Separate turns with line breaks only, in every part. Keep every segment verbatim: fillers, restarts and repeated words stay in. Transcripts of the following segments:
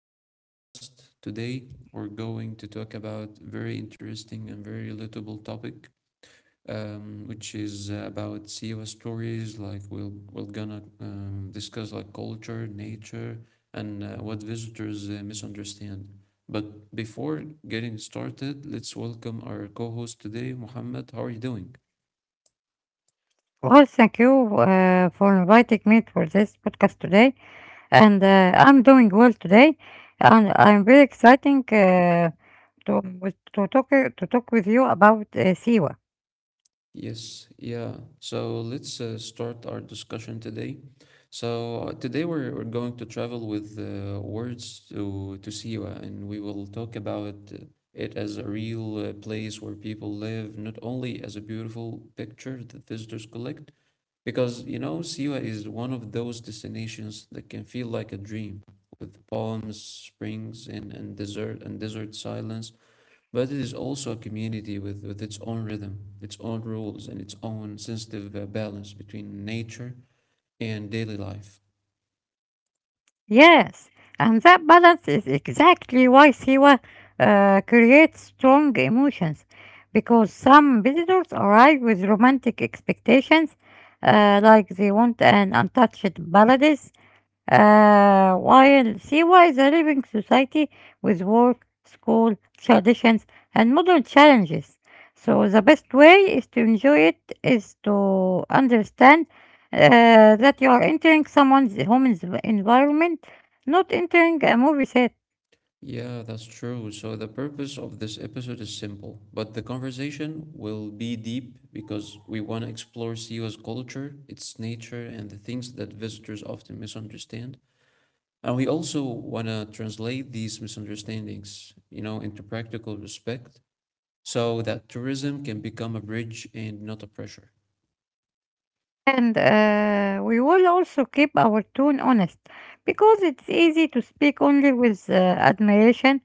of our podcast. Today, we're going to talk about very interesting and very relatable topic, um, which is uh, about C E O stories. Like we'll we're gonna um, discuss like culture, nature, and uh, what visitors uh, misunderstand. But before getting started, let's welcome our co-host today, Muhammad. How are you doing?
Well, thank you uh, for inviting me for this podcast today, and uh, I'm doing well today, and I'm very exciting uh, to with- to talk to talk with you about uh, Siwa.
Yes, yeah. So let's uh, start our discussion today. So uh, today we're, we're going to travel with uh, words to to Siwa, and we will talk about uh, it as a real uh, place where people live, not only as a beautiful picture that visitors collect, because you know Siwa is one of those destinations that can feel like a dream, with palms, springs, and and desert and desert silence, but it is also a community with, with its own rhythm, its own rules, and its own sensitive uh, balance between nature and daily life.
Yes, and that balance is exactly why Siwa uh, creates strong emotions, because some visitors arrive with romantic expectations, uh, like they want an untouched paradise, uh, while see why the living society with work, school, traditions, and modern challenges. So the best way is to enjoy it is to understand uh, that you are entering someone's home env- environment, not entering a movie set.
Yeah, that's true. So, the purpose of this episode is simple, but the conversation will be deep because we want to explore Siwa's culture, its nature, and the things that visitors often misunderstand. And we also want to translate these misunderstandings, you know, into practical respect so that tourism can become a bridge and not a pressure.
And uh, we will also keep our tone honest because it's easy to speak only with uh, admiration,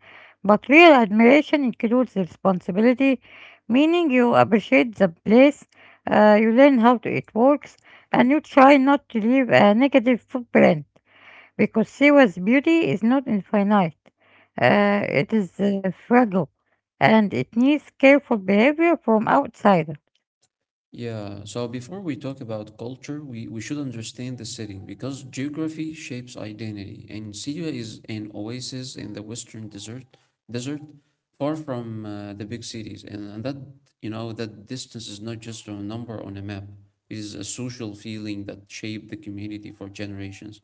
but real admiration includes responsibility, meaning you appreciate the place, uh, you learn how to, it works, and you try not to leave a negative footprint because Siwa's beauty is not infinite. Uh, it is uh, fragile and it needs careful behavior from outsiders.
Yeah, so before we talk about culture, we, we should understand the setting because geography shapes identity, and Syria is an oasis in the western desert, desert far from uh, the big cities, and, and that you know that distance is not just a number on a map. It is a social feeling that shaped the community for generations.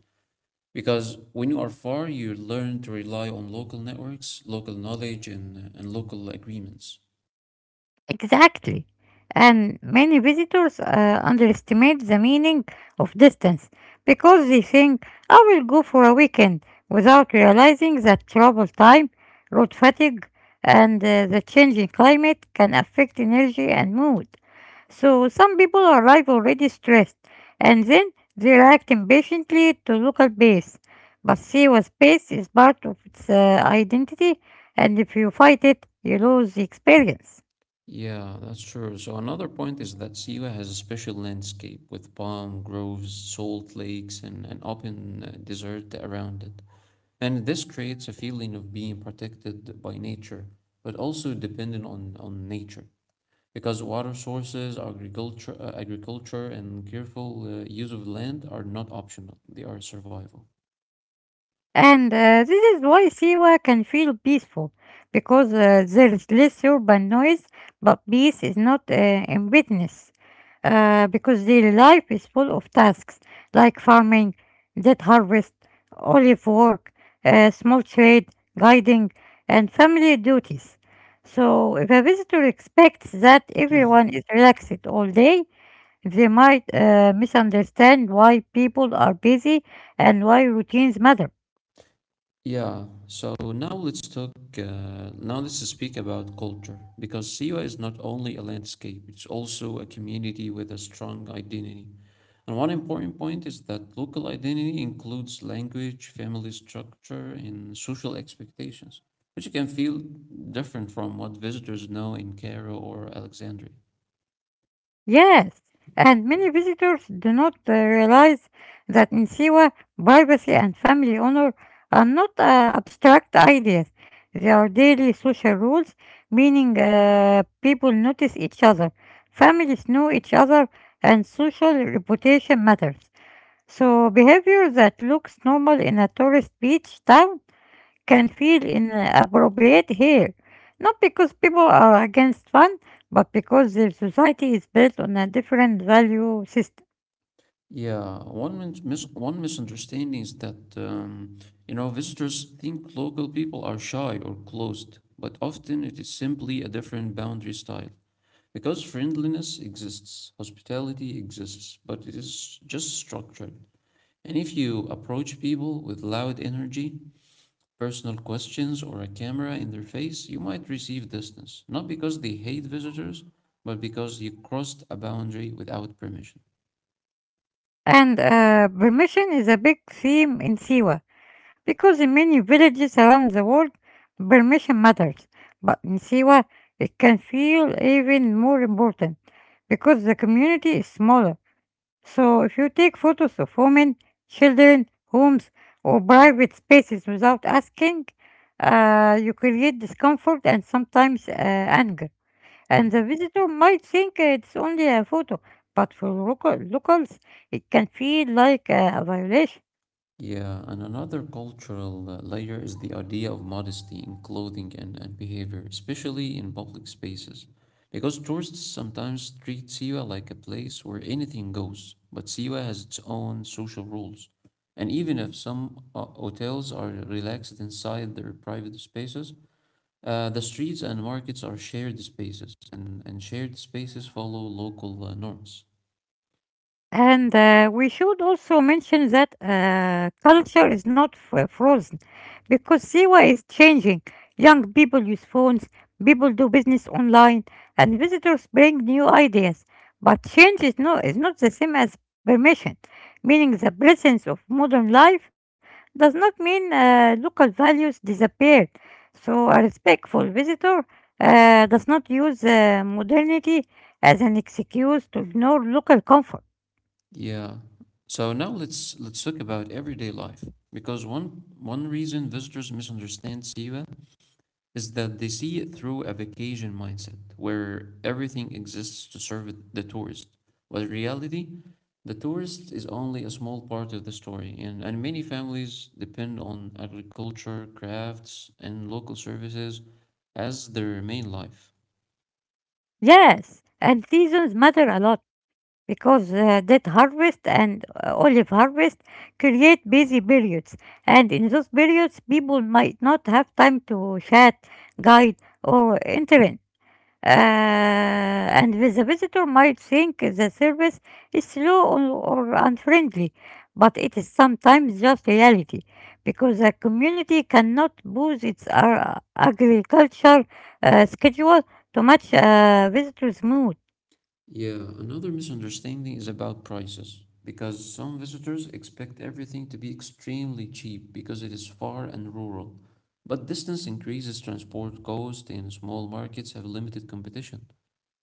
Because when you are far, you learn to rely on local networks, local knowledge, and and local agreements.
Exactly. And many visitors uh, underestimate the meaning of distance because they think I will go for a weekend without realizing that travel time, road fatigue, and uh, the changing climate can affect energy and mood. So some people arrive already stressed and then they react impatiently to local pace. But Siwa's pace is part of its uh, identity, and if you fight it, you lose the experience.
Yeah, that's true. So another point is that Siwa has a special landscape with palm groves, salt lakes, and an open uh, desert around it. And this creates a feeling of being protected by nature, but also dependent on, on nature. Because water sources, agriculture, uh, agriculture, and careful uh, use of land are not optional, they are survival.
And uh, this is why Siwa can feel peaceful because uh, there is less urban noise, but peace is not uh, in business uh, because daily life is full of tasks like farming, debt harvest, olive work, uh, small trade, guiding, and family duties. So if a visitor expects that everyone is relaxed all day, they might uh, misunderstand why people are busy and why routines matter.
Yeah, so now let's talk. Uh, now let's speak about culture because Siwa is not only a landscape, it's also a community with a strong identity. And one important point is that local identity includes language, family structure, and social expectations, which can feel different from what visitors know in Cairo or Alexandria.
Yes, and many visitors do not uh, realize that in Siwa, privacy and family honor are not uh, abstract ideas. They are daily social rules, meaning uh, people notice each other, families know each other, and social reputation matters. So behavior that looks normal in a tourist beach town can feel inappropriate here. Not because people are against fun, but because their society is built on a different value system.
Yeah, one min mis one misunderstanding is that um, you know visitors think local people are shy or closed, but often it is simply a different boundary style. Because friendliness exists, hospitality exists, but it is just structured. And if you approach people with loud energy, personal questions, or a camera in their face, you might receive distance, not because they hate visitors, but because you crossed a boundary without permission.
And uh, permission is a big theme in Siwa, because in many villages around the world, permission matters. But in Siwa, it can feel even more important because the community is smaller. So if you take photos of women, children, homes, or private spaces without asking, uh, you create discomfort and sometimes uh, anger.
Yeah.
And the visitor might think it's only a photo, but for local locals, it can feel like uh, a violation.
Yeah, and another cultural uh, layer is the idea of modesty in clothing and, and behavior, especially in public spaces. Because tourists sometimes treat Siwa like a place where anything goes, but Siwa has its own social rules. And even if some uh, hotels are relaxed inside their private spaces, uh, the streets and markets are shared spaces, and, and shared spaces follow local uh, norms.
And uh, we should also mention that uh, culture is not f- frozen because Siwa is changing. Young people use phones, people do business online, and visitors bring new ideas. But change is not, is not the same as permission, meaning the presence of modern life does not mean uh, local values disappeared. So a respectful visitor uh, does not use uh, modernity as an excuse to ignore local comfort.
Yeah. So now let's let's talk about everyday life because one one reason visitors misunderstand Siva is that they see it through a vacation mindset where everything exists to serve the tourist. But in reality, the tourist is only a small part of the story, and, and many families depend on agriculture, crafts, and local services as their main life.
Yes, and seasons matter a lot because uh, that harvest and uh, olive harvest create busy periods, and in those periods, people might not have time to chat, guide, or interact. Uh, and with the visitor might think the service is slow or, or unfriendly, but it is sometimes just reality because a community cannot boost its uh, agriculture uh, schedule to match a visitor's mood.
Yeah, another misunderstanding is about prices, because some visitors expect everything to be extremely cheap because it is far and rural. But distance increases transport cost, and small markets have limited competition.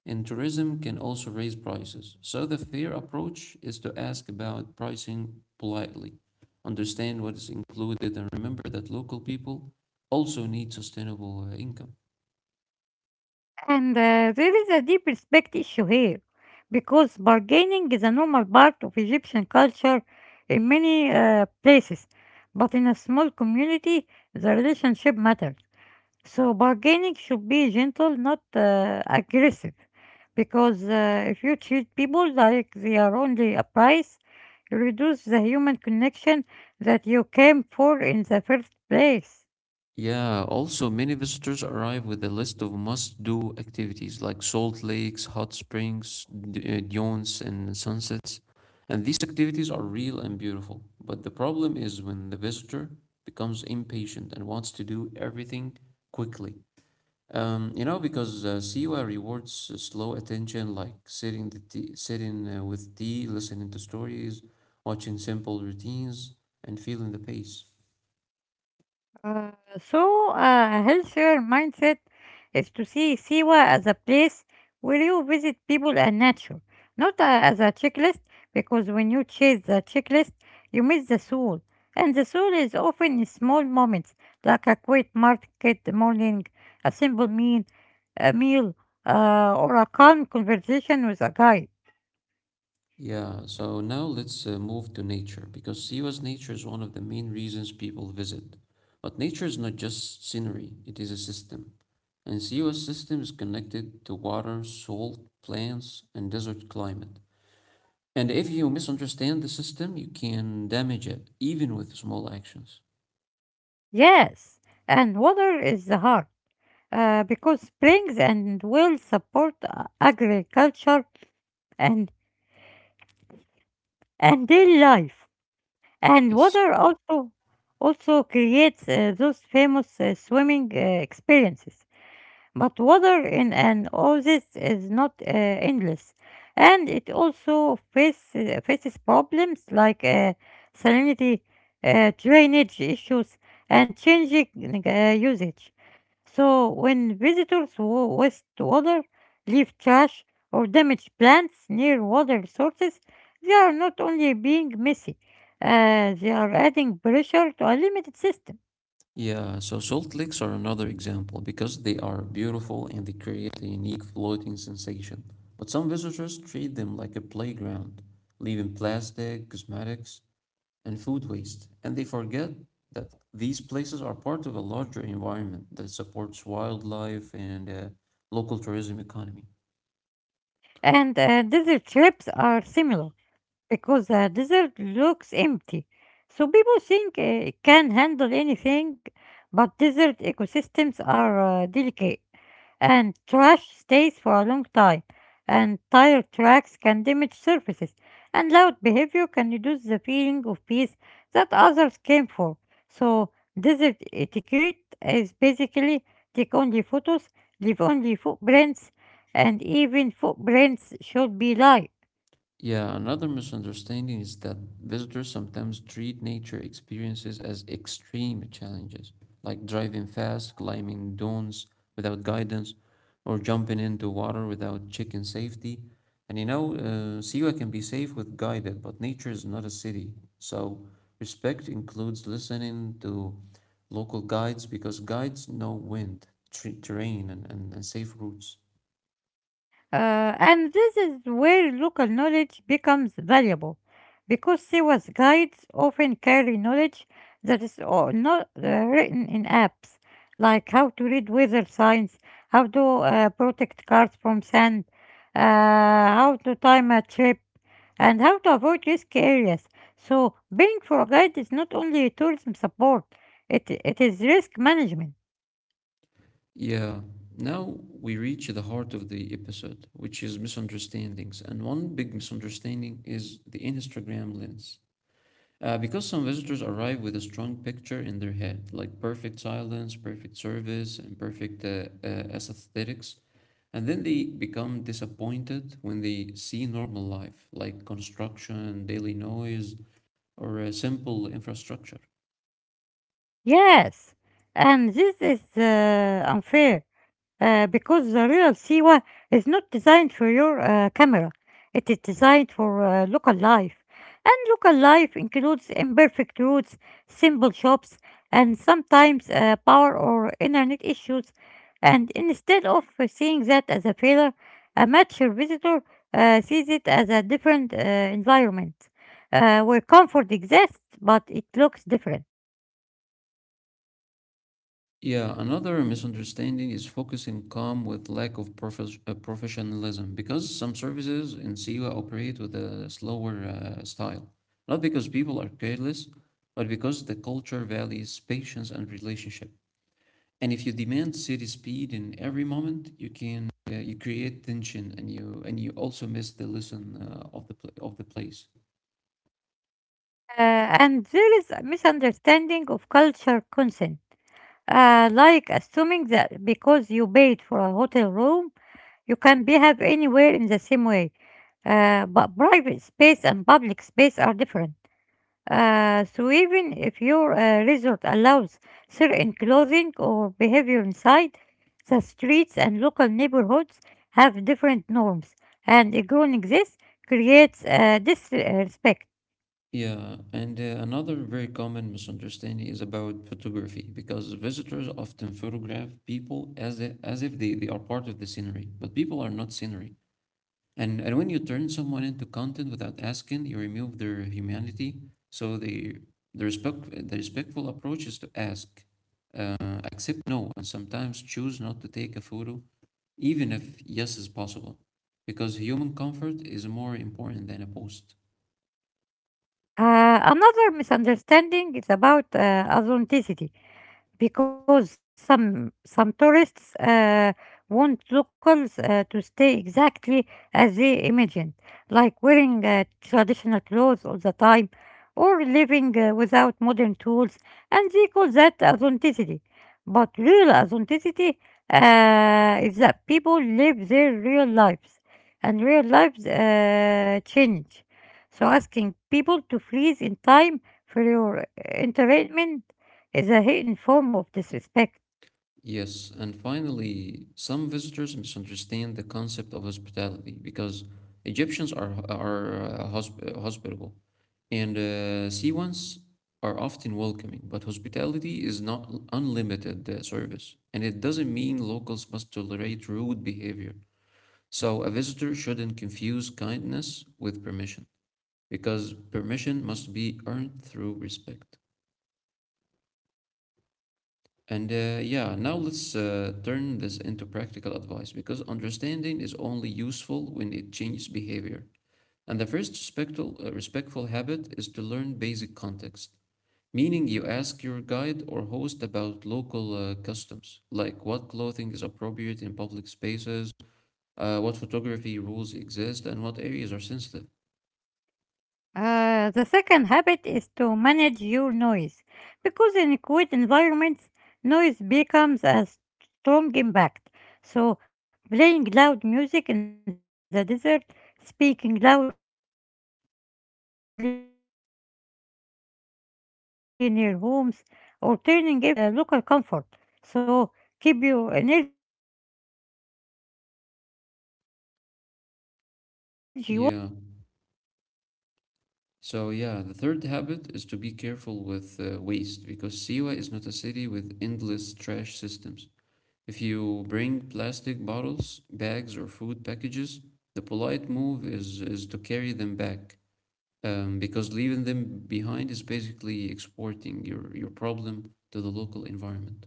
And tourism can also raise prices. So the fair approach is to ask about pricing politely, understand what is included, and remember that local people also need sustainable uh, income.
And uh, there is a deep respect issue here because bargaining is a normal part of Egyptian culture in many uh, places, but in a small community, the relationship matters. So bargaining should be gentle, not uh, aggressive, because uh, if you treat people like they are only a price, you reduce the human connection that you came for in the first place.
Yeah, also many visitors arrive with a list of must-do activities like salt lakes, hot springs, d- uh, dunes, and sunsets. And these activities are real and beautiful. But the problem is when the visitor becomes impatient and wants to do everything quickly. Um, you know, because uh, Siwa rewards uh, slow attention, like sitting the tea, sitting uh, with tea, listening to stories, watching simple routines, and feeling the pace.
Uh, so, uh, a healthier mindset is to see Siwa as a place where you visit people and nature, not uh, as a checklist, because when you chase the checklist, you miss the soul. And the soul is often in small moments, like a quiet market morning, a simple meal, a meal, uh, or a calm conversation with a guy.
Yeah, so now let's uh, move to nature because Siwa's nature is one of the main reasons people visit. But nature is not just scenery, it is a system. And Siwa's system is connected to water, salt, plants, and desert climate. And if you misunderstand the system, you can damage it, even with small actions.
Yes, and water is the heart, uh, because springs and wells support uh, agriculture and and their life. And
Yes.
water also also creates uh, those famous uh, swimming uh, experiences. But water in an oasis is not uh, endless, and it also faces faces problems like uh, salinity, uh, drainage issues, and changing uh, usage. So when visitors wa- waste water, leave trash, or damage plants near water sources, they are not only being messy, uh, they are adding pressure to a limited system.
Yeah, so salt licks are another example because they are beautiful and they create a unique floating sensation. But some visitors treat them like a playground, leaving plastic, cosmetics, and food waste, and they forget that these places are part of a larger environment that supports wildlife and uh, local tourism economy.
And uh, desert trips are similar because the desert looks empty. So people think uh, it can handle anything, but desert ecosystems are uh, delicate. And trash stays for a long time, and tire tracks can damage surfaces, and loud behavior can reduce the feeling of peace that others came for. So desert etiquette is basically take only photos, leave only footprints, and even footprints should be light.
Yeah, another misunderstanding is that visitors sometimes treat nature experiences as extreme challenges, like driving fast, climbing dunes without guidance, or jumping into water without checking safety. And you know, uh, Siwa can be safe with guided, but nature is not a city. So respect includes listening to local guides because guides know wind, tre terrain, and, and, and safe routes.
Uh, and this is where local knowledge becomes valuable because Sewa's guides often carry knowledge that is o- not uh, written in apps, like how to read weather signs, how to uh, protect cars from sand, uh, how to time a trip, and how to avoid risky areas. So paying for a guide is not only tourism support, it, it is risk management.
Yeah. Now we reach the heart of the episode, which is misunderstandings. And one big misunderstanding is the Instagram lens. Uh, because some visitors arrive with a strong picture in their head, like perfect silence, perfect service, and perfect uh, uh, aesthetics, and then they become disappointed when they see normal life, like construction, daily noise, or uh, simple infrastructure.
Yes, and this is uh, unfair uh, because the real Siwa is not designed for your uh, camera. It is designed for uh, local life. And local life includes imperfect roads, simple shops, and sometimes uh, power or internet issues. And instead of uh, seeing that as a failure, a mature visitor uh, sees it as a different uh, environment uh, where comfort exists, but it looks different.
Yeah, another misunderstanding is focusing calm with lack of prof- uh, professionalism because some services in Siwa operate with a slower uh, style. Not because people are careless, but because the culture values patience and relationship. And if you demand city speed in every moment, you can uh, you create tension and you and you also miss the lesson uh, of the pl- of the place.
Uh, and there is a misunderstanding of culture consent. Uh, like assuming that because you paid for a hotel room, you can behave anywhere in the same way. Uh, but private space and public space are different. Uh, so even if your uh, resort allows certain clothing or behavior inside, the streets and local neighborhoods have different norms, and ignoring this creates uh, disrespect.
Yeah, and uh, another very common misunderstanding is about photography because visitors often photograph people as if, as if they, they are part of the scenery, but people are not scenery. And and when you turn someone into content without asking, you remove their humanity. So the the respect the respectful approach is to ask, uh, accept no, and sometimes choose not to take a photo, even if yes is possible, because human comfort is more important than a post.
Uh, another misunderstanding is about uh, authenticity, because some some tourists uh, want locals uh, to stay exactly as they imagined, like wearing uh, traditional clothes all the time or living uh, without modern tools, and they call that authenticity. But real authenticity uh, is that people live their real lives, and real lives uh, change. So asking people to freeze in time for your entertainment is a hidden form of disrespect.
Yes, and finally, some visitors misunderstand the concept of hospitality because Egyptians are are uh, hosp- uh, hospitable and uh, Siwans are often welcoming, but hospitality is not unlimited uh, service, and it doesn't mean locals must tolerate rude behavior. So a visitor shouldn't confuse kindness with permission because permission must be earned through respect. And uh, yeah, now let's uh, turn this into practical advice because understanding is only useful when it changes behavior. And the first respectful, uh, respectful habit is to learn basic context, meaning you ask your guide or host about local uh, customs, like what clothing is appropriate in public spaces, uh, what photography rules exist, and what areas are sensitive.
Uh, the second habit is to manage your noise because in quiet environments, noise becomes a strong impact. So playing loud music in the desert, speaking loudly near homes, or turning every place into a selfie stage can reduce other people's ex- experience and uh, local comfort. So keep your energy
Yeah.
warm but not loud.
So yeah, the third habit is to be careful with uh, waste because Siwa is not a city with endless trash systems. If you bring plastic bottles, bags, or food packages, the polite move is, is to carry them back um, because leaving them behind is basically exporting your, your problem to the local environment.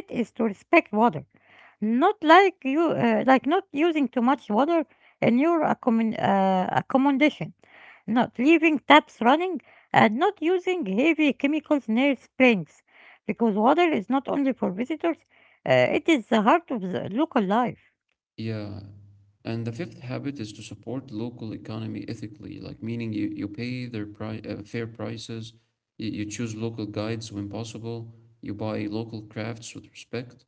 Uh, the fourth habit is to respect water. Not like you, uh, like not using too much water in your accommod- uh, accommodation, not leaving taps running, and not using heavy chemicals near springs, because water is not only for visitors, uh, it is the heart of the
Yeah.
local life.
And the fifth habit is to support local economy ethically, like meaning you, you pay their pri- uh, fair prices, you, you choose local guides when possible, you buy local crafts with respect,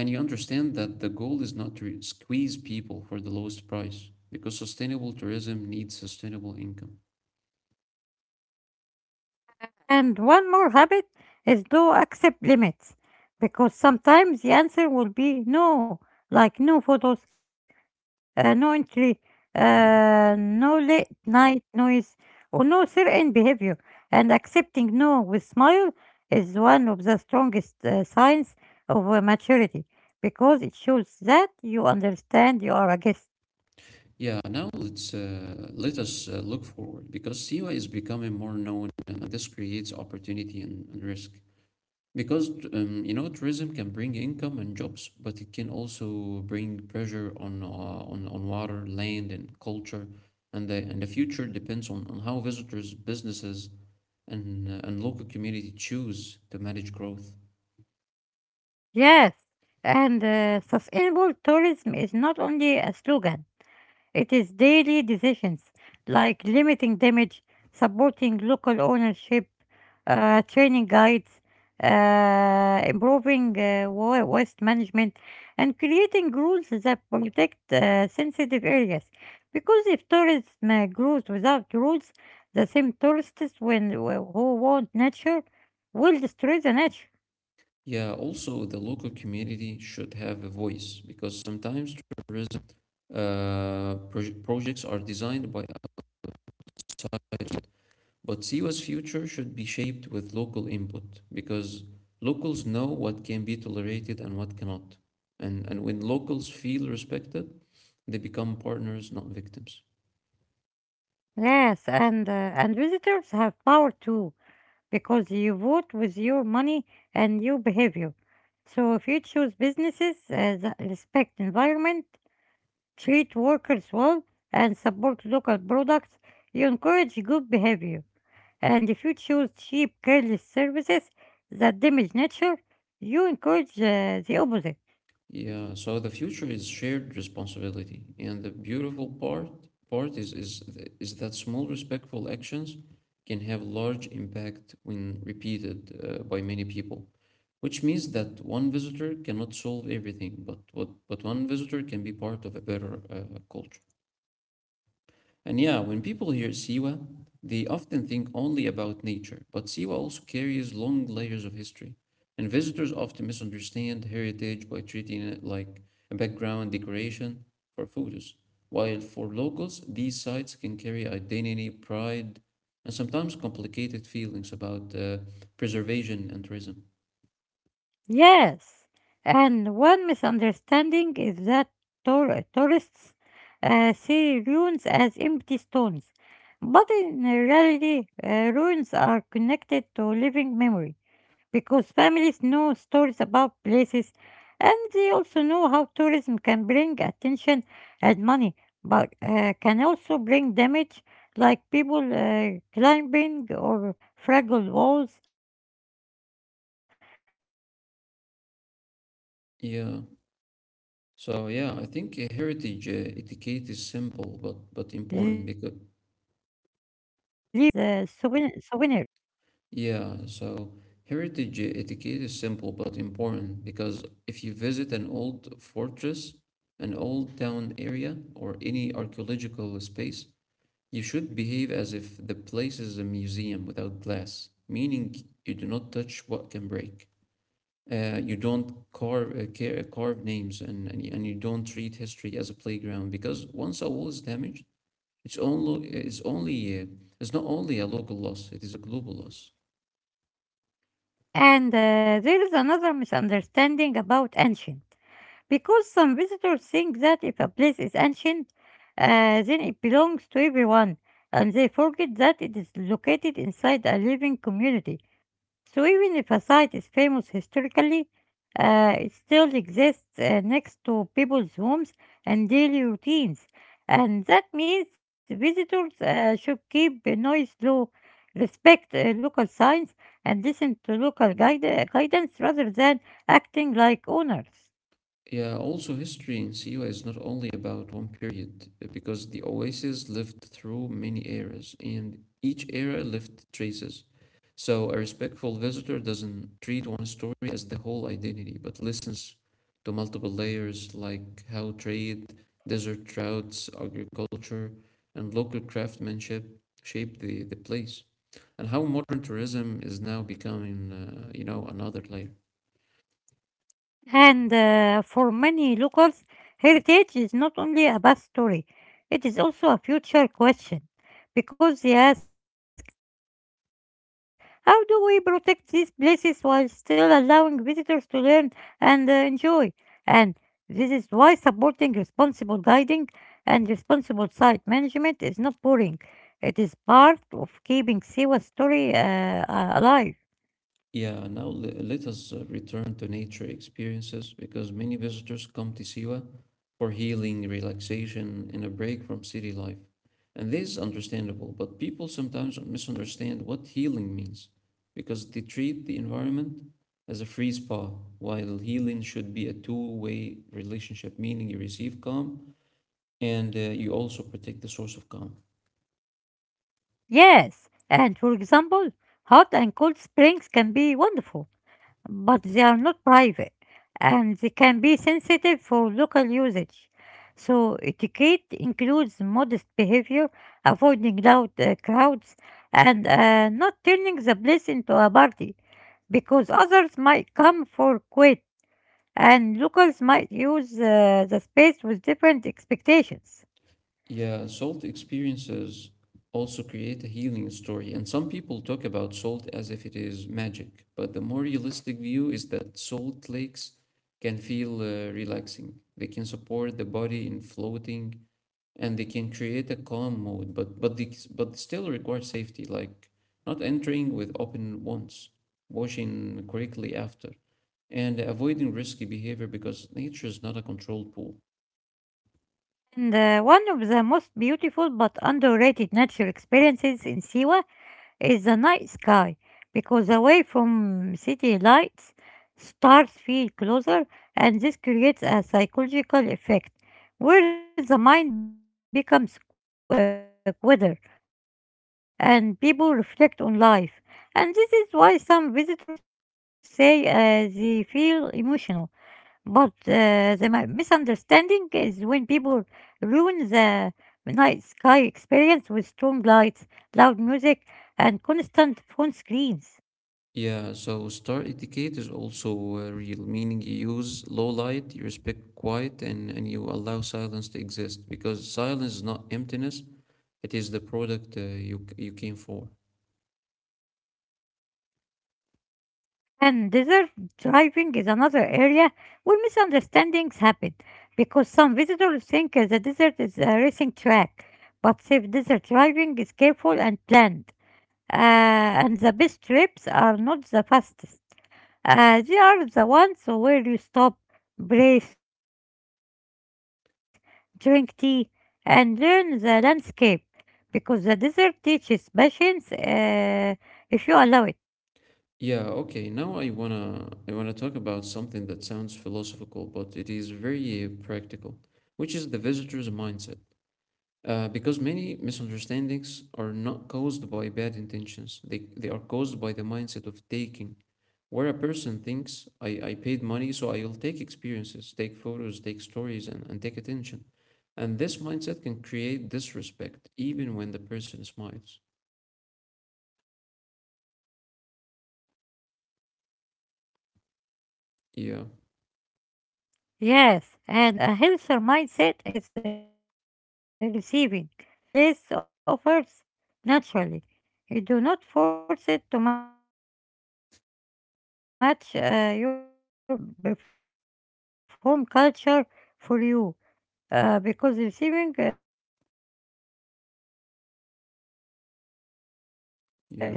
and you understand that the goal is not to squeeze people for the lowest price because sustainable tourism needs sustainable income.
And one more habit is do accept limits because sometimes the answer will be no, like no photos, uh, no entry, uh,
Yeah.
no late night noise, or no certain behavior. And accepting no with smile is one of the strongest uh, signs of uh, maturity because it shows that you understand you are a guest.
Yeah, now let's uh, let us uh, look forward because Siwa is becoming more known and this creates opportunity and, and risk. Because um, you know tourism can bring income and jobs, but it can also bring pressure on uh, on on water, land, and culture, and the and the future depends on, on how visitors, businesses, and uh, and local community choose to manage growth.
Yes, and uh, sustainable tourism is not only a slogan. It is daily decisions like limiting damage, supporting local ownership, uh, training guides, uh, improving uh, wa- waste management, and creating rules that protect uh, sensitive areas. Because if tourism uh, grows without rules, the same tourists when, who want nature will destroy the nature.
Yeah, also the local community should have a voice because sometimes tourism uh, pro projects are designed by us, but Siwa's future should be shaped with local input because locals know what can be tolerated and what cannot. And and when locals feel respected, they become partners, not victims.
Yes, and uh, and visitors have power too because you vote with your money and your behavior. So if you choose businesses uh, that respect environment, treat workers well, and support local products, you encourage good behavior. And if you choose cheap, careless services that damage nature, you encourage uh, the opposite.
Yeah, so the future is shared responsibility, and the beautiful part part is is th- is that small respectful actions can have large impact when repeated uh, by many people, which means that one visitor cannot solve everything, but what but one visitor can be part of a better uh, culture. And yeah, when people hear Siwa, they often think only about nature, but Siwa also carries long layers of history. And visitors often misunderstand heritage by treating it like a background decoration for photos. While for locals, these sites can carry identity, pride, and sometimes complicated feelings about uh, preservation and tourism.
Yes, and one misunderstanding is that tour- tourists uh, see ruins as empty stones, but in reality, uh, ruins are connected to living memory because families know stories about places and they also know how tourism can bring attention and money, but uh, can also bring damage like people uh, climbing or fragile walls, leaving graffi- uh, graffiti, or taking small stones as
Yeah.
uh, souvenir-
So yeah, I
souvenirs.
think uh, heritage uh, etiquette is simple but but important because Yeah, so heritage etiquette is simple but important because if you visit an old fortress, an old town area, or any archaeological space, you should behave as if the place is a museum without glass, meaning you do not touch what can break. Uh, you don't carve, uh, ca- uh, carve names and, and, you- and you don't treat history as a playground because once a wall is damaged, it's only, it's only, uh, it's not only a local loss, it is a global loss.
And uh, there is another misunderstanding about ancient. Because some visitors think that if a place is ancient, uh, then it belongs to everyone, and they forget that it is located inside a living community. So even if a site is famous historically, uh, it still exists uh, next to people's homes and daily routines. And that means visitors uh, should keep the noise low, respect uh, local signs, and listen to local guide- uh, guidance rather than acting like owners.
Yeah, also history in Siwa is not only about one period, uh, because the oases lived through many eras, and each era left traces. So a respectful visitor doesn't treat one story as the whole identity, but listens to multiple layers like how trade, desert routes, agriculture, and local craftsmanship shaped the, the place, and how modern tourism is now becoming, uh, you know, another layer.
And uh, For many locals, heritage is not only a past story, it is also a future question because they ask, how do we protect these places while still allowing visitors to learn and uh, enjoy? And this is why supporting responsible guiding and responsible site management is not boring. It is part of keeping Siwa's story uh, uh, alive.
Yeah, now le- let us uh, return to nature experiences because many visitors come to Siwa for healing, relaxation, and a break from city life. And this is understandable, but people sometimes misunderstand what healing means because they treat the environment as a free spa, while healing should be a two way relationship, meaning you receive calm and uh, you also protect the source of calm.
Yes, and for example, hot and cold springs can be wonderful but they are not private and they can be sensitive for local usage. So, etiquette includes modest behavior, avoiding loud uh, crowds, and uh, not turning the place into a party because others might come for quit and locals might use uh, the space with different expectations.
Yeah, salt experiences also create a healing story, and some people talk about salt as if it is magic, but the more realistic view is that salt lakes can feel uh, relaxing. They can support the body in floating, and they can create a calm mode, but but they, but still require safety, like not entering with open wounds, washing quickly after, and avoiding risky behavior because nature is not a controlled pool.
And uh, One of the most beautiful but underrated natural experiences in Siwa is the night sky because away from city lights, stars feel closer, and this creates a psychological effect where the mind becomes qu- quieter and people reflect on life. And this is why some visitors say uh, they feel emotional. But uh, the mi- misunderstanding is when people ruin the night sky experience with strong lights, loud music, and constant phone screens.
Yeah, so star etiquette is also uh, real, meaning you use low light, you respect quiet, and, and you allow silence to exist because silence is not emptiness, it is the product uh, you, c- you came for.
And desert driving is another area where misunderstandings happen because some visitors think uh, the desert is a racing track, but safe desert driving is careful and planned. Uh, and the best trips are not the fastest. Uh, they are the ones where you stop, breathe, drink tea, and learn the landscape because the desert teaches patience uh, if you allow it.
Yeah, okay. Now I wanna I wanna talk about something that sounds philosophical, but it is very uh, practical, which is the visitor's mindset. Uh, because many misunderstandings are not caused by bad intentions; they they are caused by the mindset of taking where a person thinks I, I paid money, so I'll take experiences, take photos, take stories, and, and take attention. And this mindset can create disrespect even when the person smiles. Yeah,
Yes, and a healthier mindset is uh, receiving, meaning you receive, uh, meaning you receive what the place offers naturally. You do not force it to match uh, your fantasy, and you do not demand that people perform culture for you, uh, because receiving uh, requires uh, humility, and humility makes travel
yeah.
richer,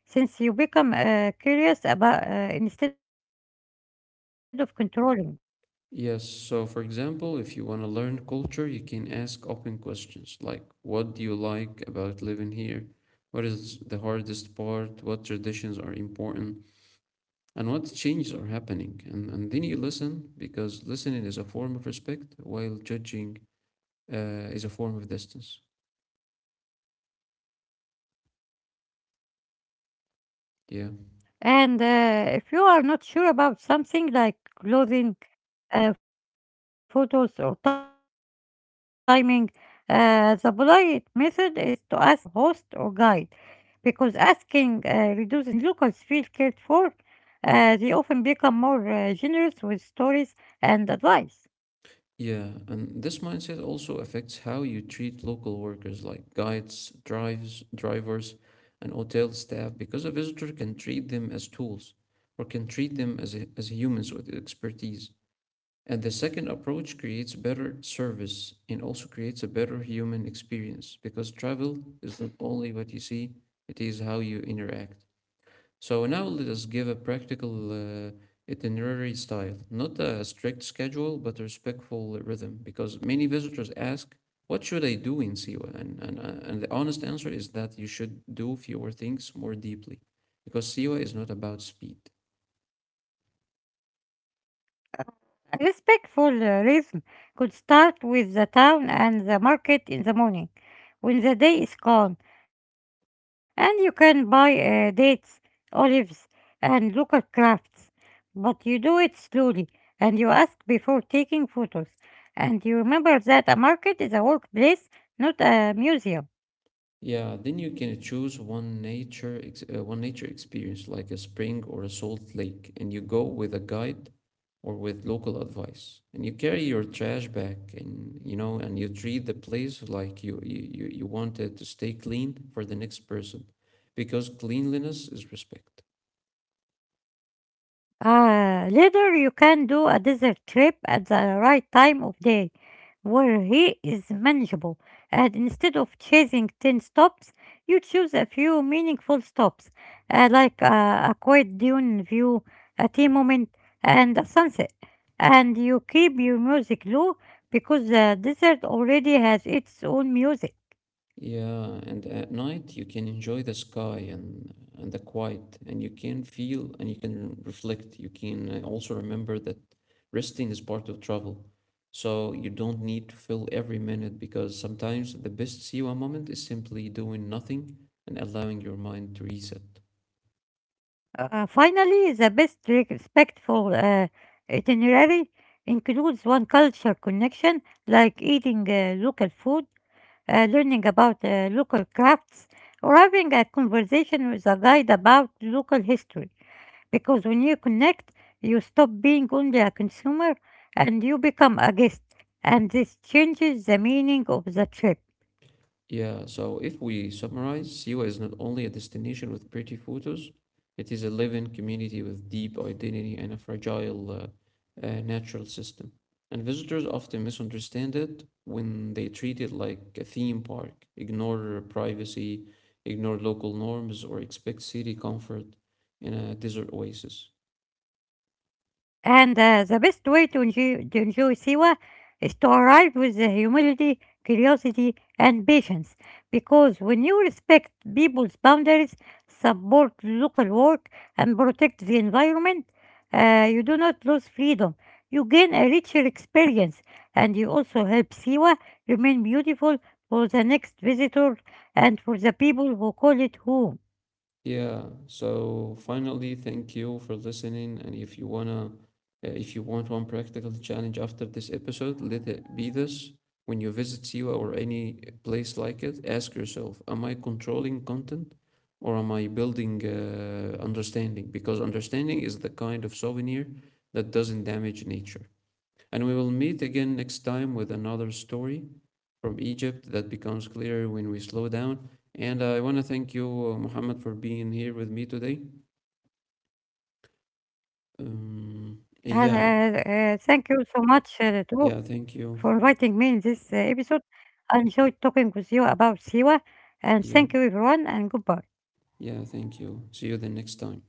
since you become uh, curious about uh, instead of controlling.
Yes, so for example, if you want to learn culture, you can ask open questions like, what do you like about living here? What is the hardest part? What traditions are important? And what changes are happening? And, and then you listen because listening is a form of respect while judging uh, is a form of distance. Yeah.
And uh, If you are not sure about something like clothing, uh, photos, or timing, uh, the polite method is to ask your host or guide because asking uh, reduces mistakes and it also shows that you care. And when you when locals feel cared for, uh, they often become more uh, generous with stories and advice.
Yeah. And this mindset also affects how you treat local workers like guides, drives, drivers, and hotel staff because a visitor can treat them as tools or can treat them as, as humans with expertise. And the second approach creates better service and also creates a better human experience because travel is not only what you see, it is how you interact. So now let us give a practical uh, itinerary style, not a strict schedule, but a respectful rhythm, because many visitors ask, what should I do in Siwa? And, and, uh, and the honest answer is that you should do fewer things more deeply, because Siwa is not about speed.
Respectful uh, rhythm could start with the town and the market in the morning when the day is calm, and you can buy uh, dates, olives, and local crafts. But you do it slowly, and you ask before taking photos, and you remember that a market is a workplace, not a museum.
Yeah, then you can choose one nature ex- uh, one nature experience like a spring or a salt lake, and you go with a guide or with local advice. And you carry your trash back and, you know, and you treat the place like you you you you want it to stay clean for the next person because cleanliness is respect.
Ah, later you can do a desert trip at the right time of day where heat is manageable, and instead of chasing ten stops, you choose a few meaningful stops, uh, like uh, a quiet dune view, a tea moment, and a sunset. And you keep your music low because the desert already has its own music.
Yeah, and at night you can enjoy the sky and and the quiet, and you can feel and you can reflect. You can uh, also remember that resting is part of travel. So you don't need to fill every minute because sometimes the best Siwa moment is simply doing nothing and allowing your mind to reset.
Uh, finally, the best re- respectful uh, itinerary includes one culture connection, like eating uh, local food, uh, learning about uh, local crafts, or having a conversation with a guide about local history. Because when you connect, you stop being only a consumer and you become a guest, and this changes the meaning of the trip.
Yeah, so if we summarize, Siwa is not only a destination with pretty photos, it is a living community with deep identity and a fragile uh, uh, natural system. And visitors often misunderstand it when they treat it like a theme park, ignore privacy, ignore local norms, or expect city comfort in a desert oasis.
And uh, The best way to enjoy, to enjoy Siwa is to arrive with the humility, curiosity, and patience. Because when you respect people's boundaries, support local work, and protect the environment, uh, you do not lose freedom. You gain a richer experience, and you also help Siwa remain beautiful for the next visitor and for the people who call it home.
Yeah, so finally, thank you for listening. And if you wanna, uh, if you want one practical challenge after this episode, let it be this. When you visit SEWA or any place like it, ask yourself, am I controlling content or am I building uh, understanding? Because understanding is the kind of souvenir that doesn't damage nature. And we will meet again next time with another story from Egypt that becomes clearer when we slow down. And I want to thank you, uh, Muhammad, for being here with me today.
And uh, uh, Thank
Um,
you so much,
yeah,
uh, too, for inviting me in
yeah,
this uh,
thank you.
episode. I enjoyed talking with you about Siwa, and thank you, everyone, and
Yeah,
goodbye.
yeah, thank you. See you the next time.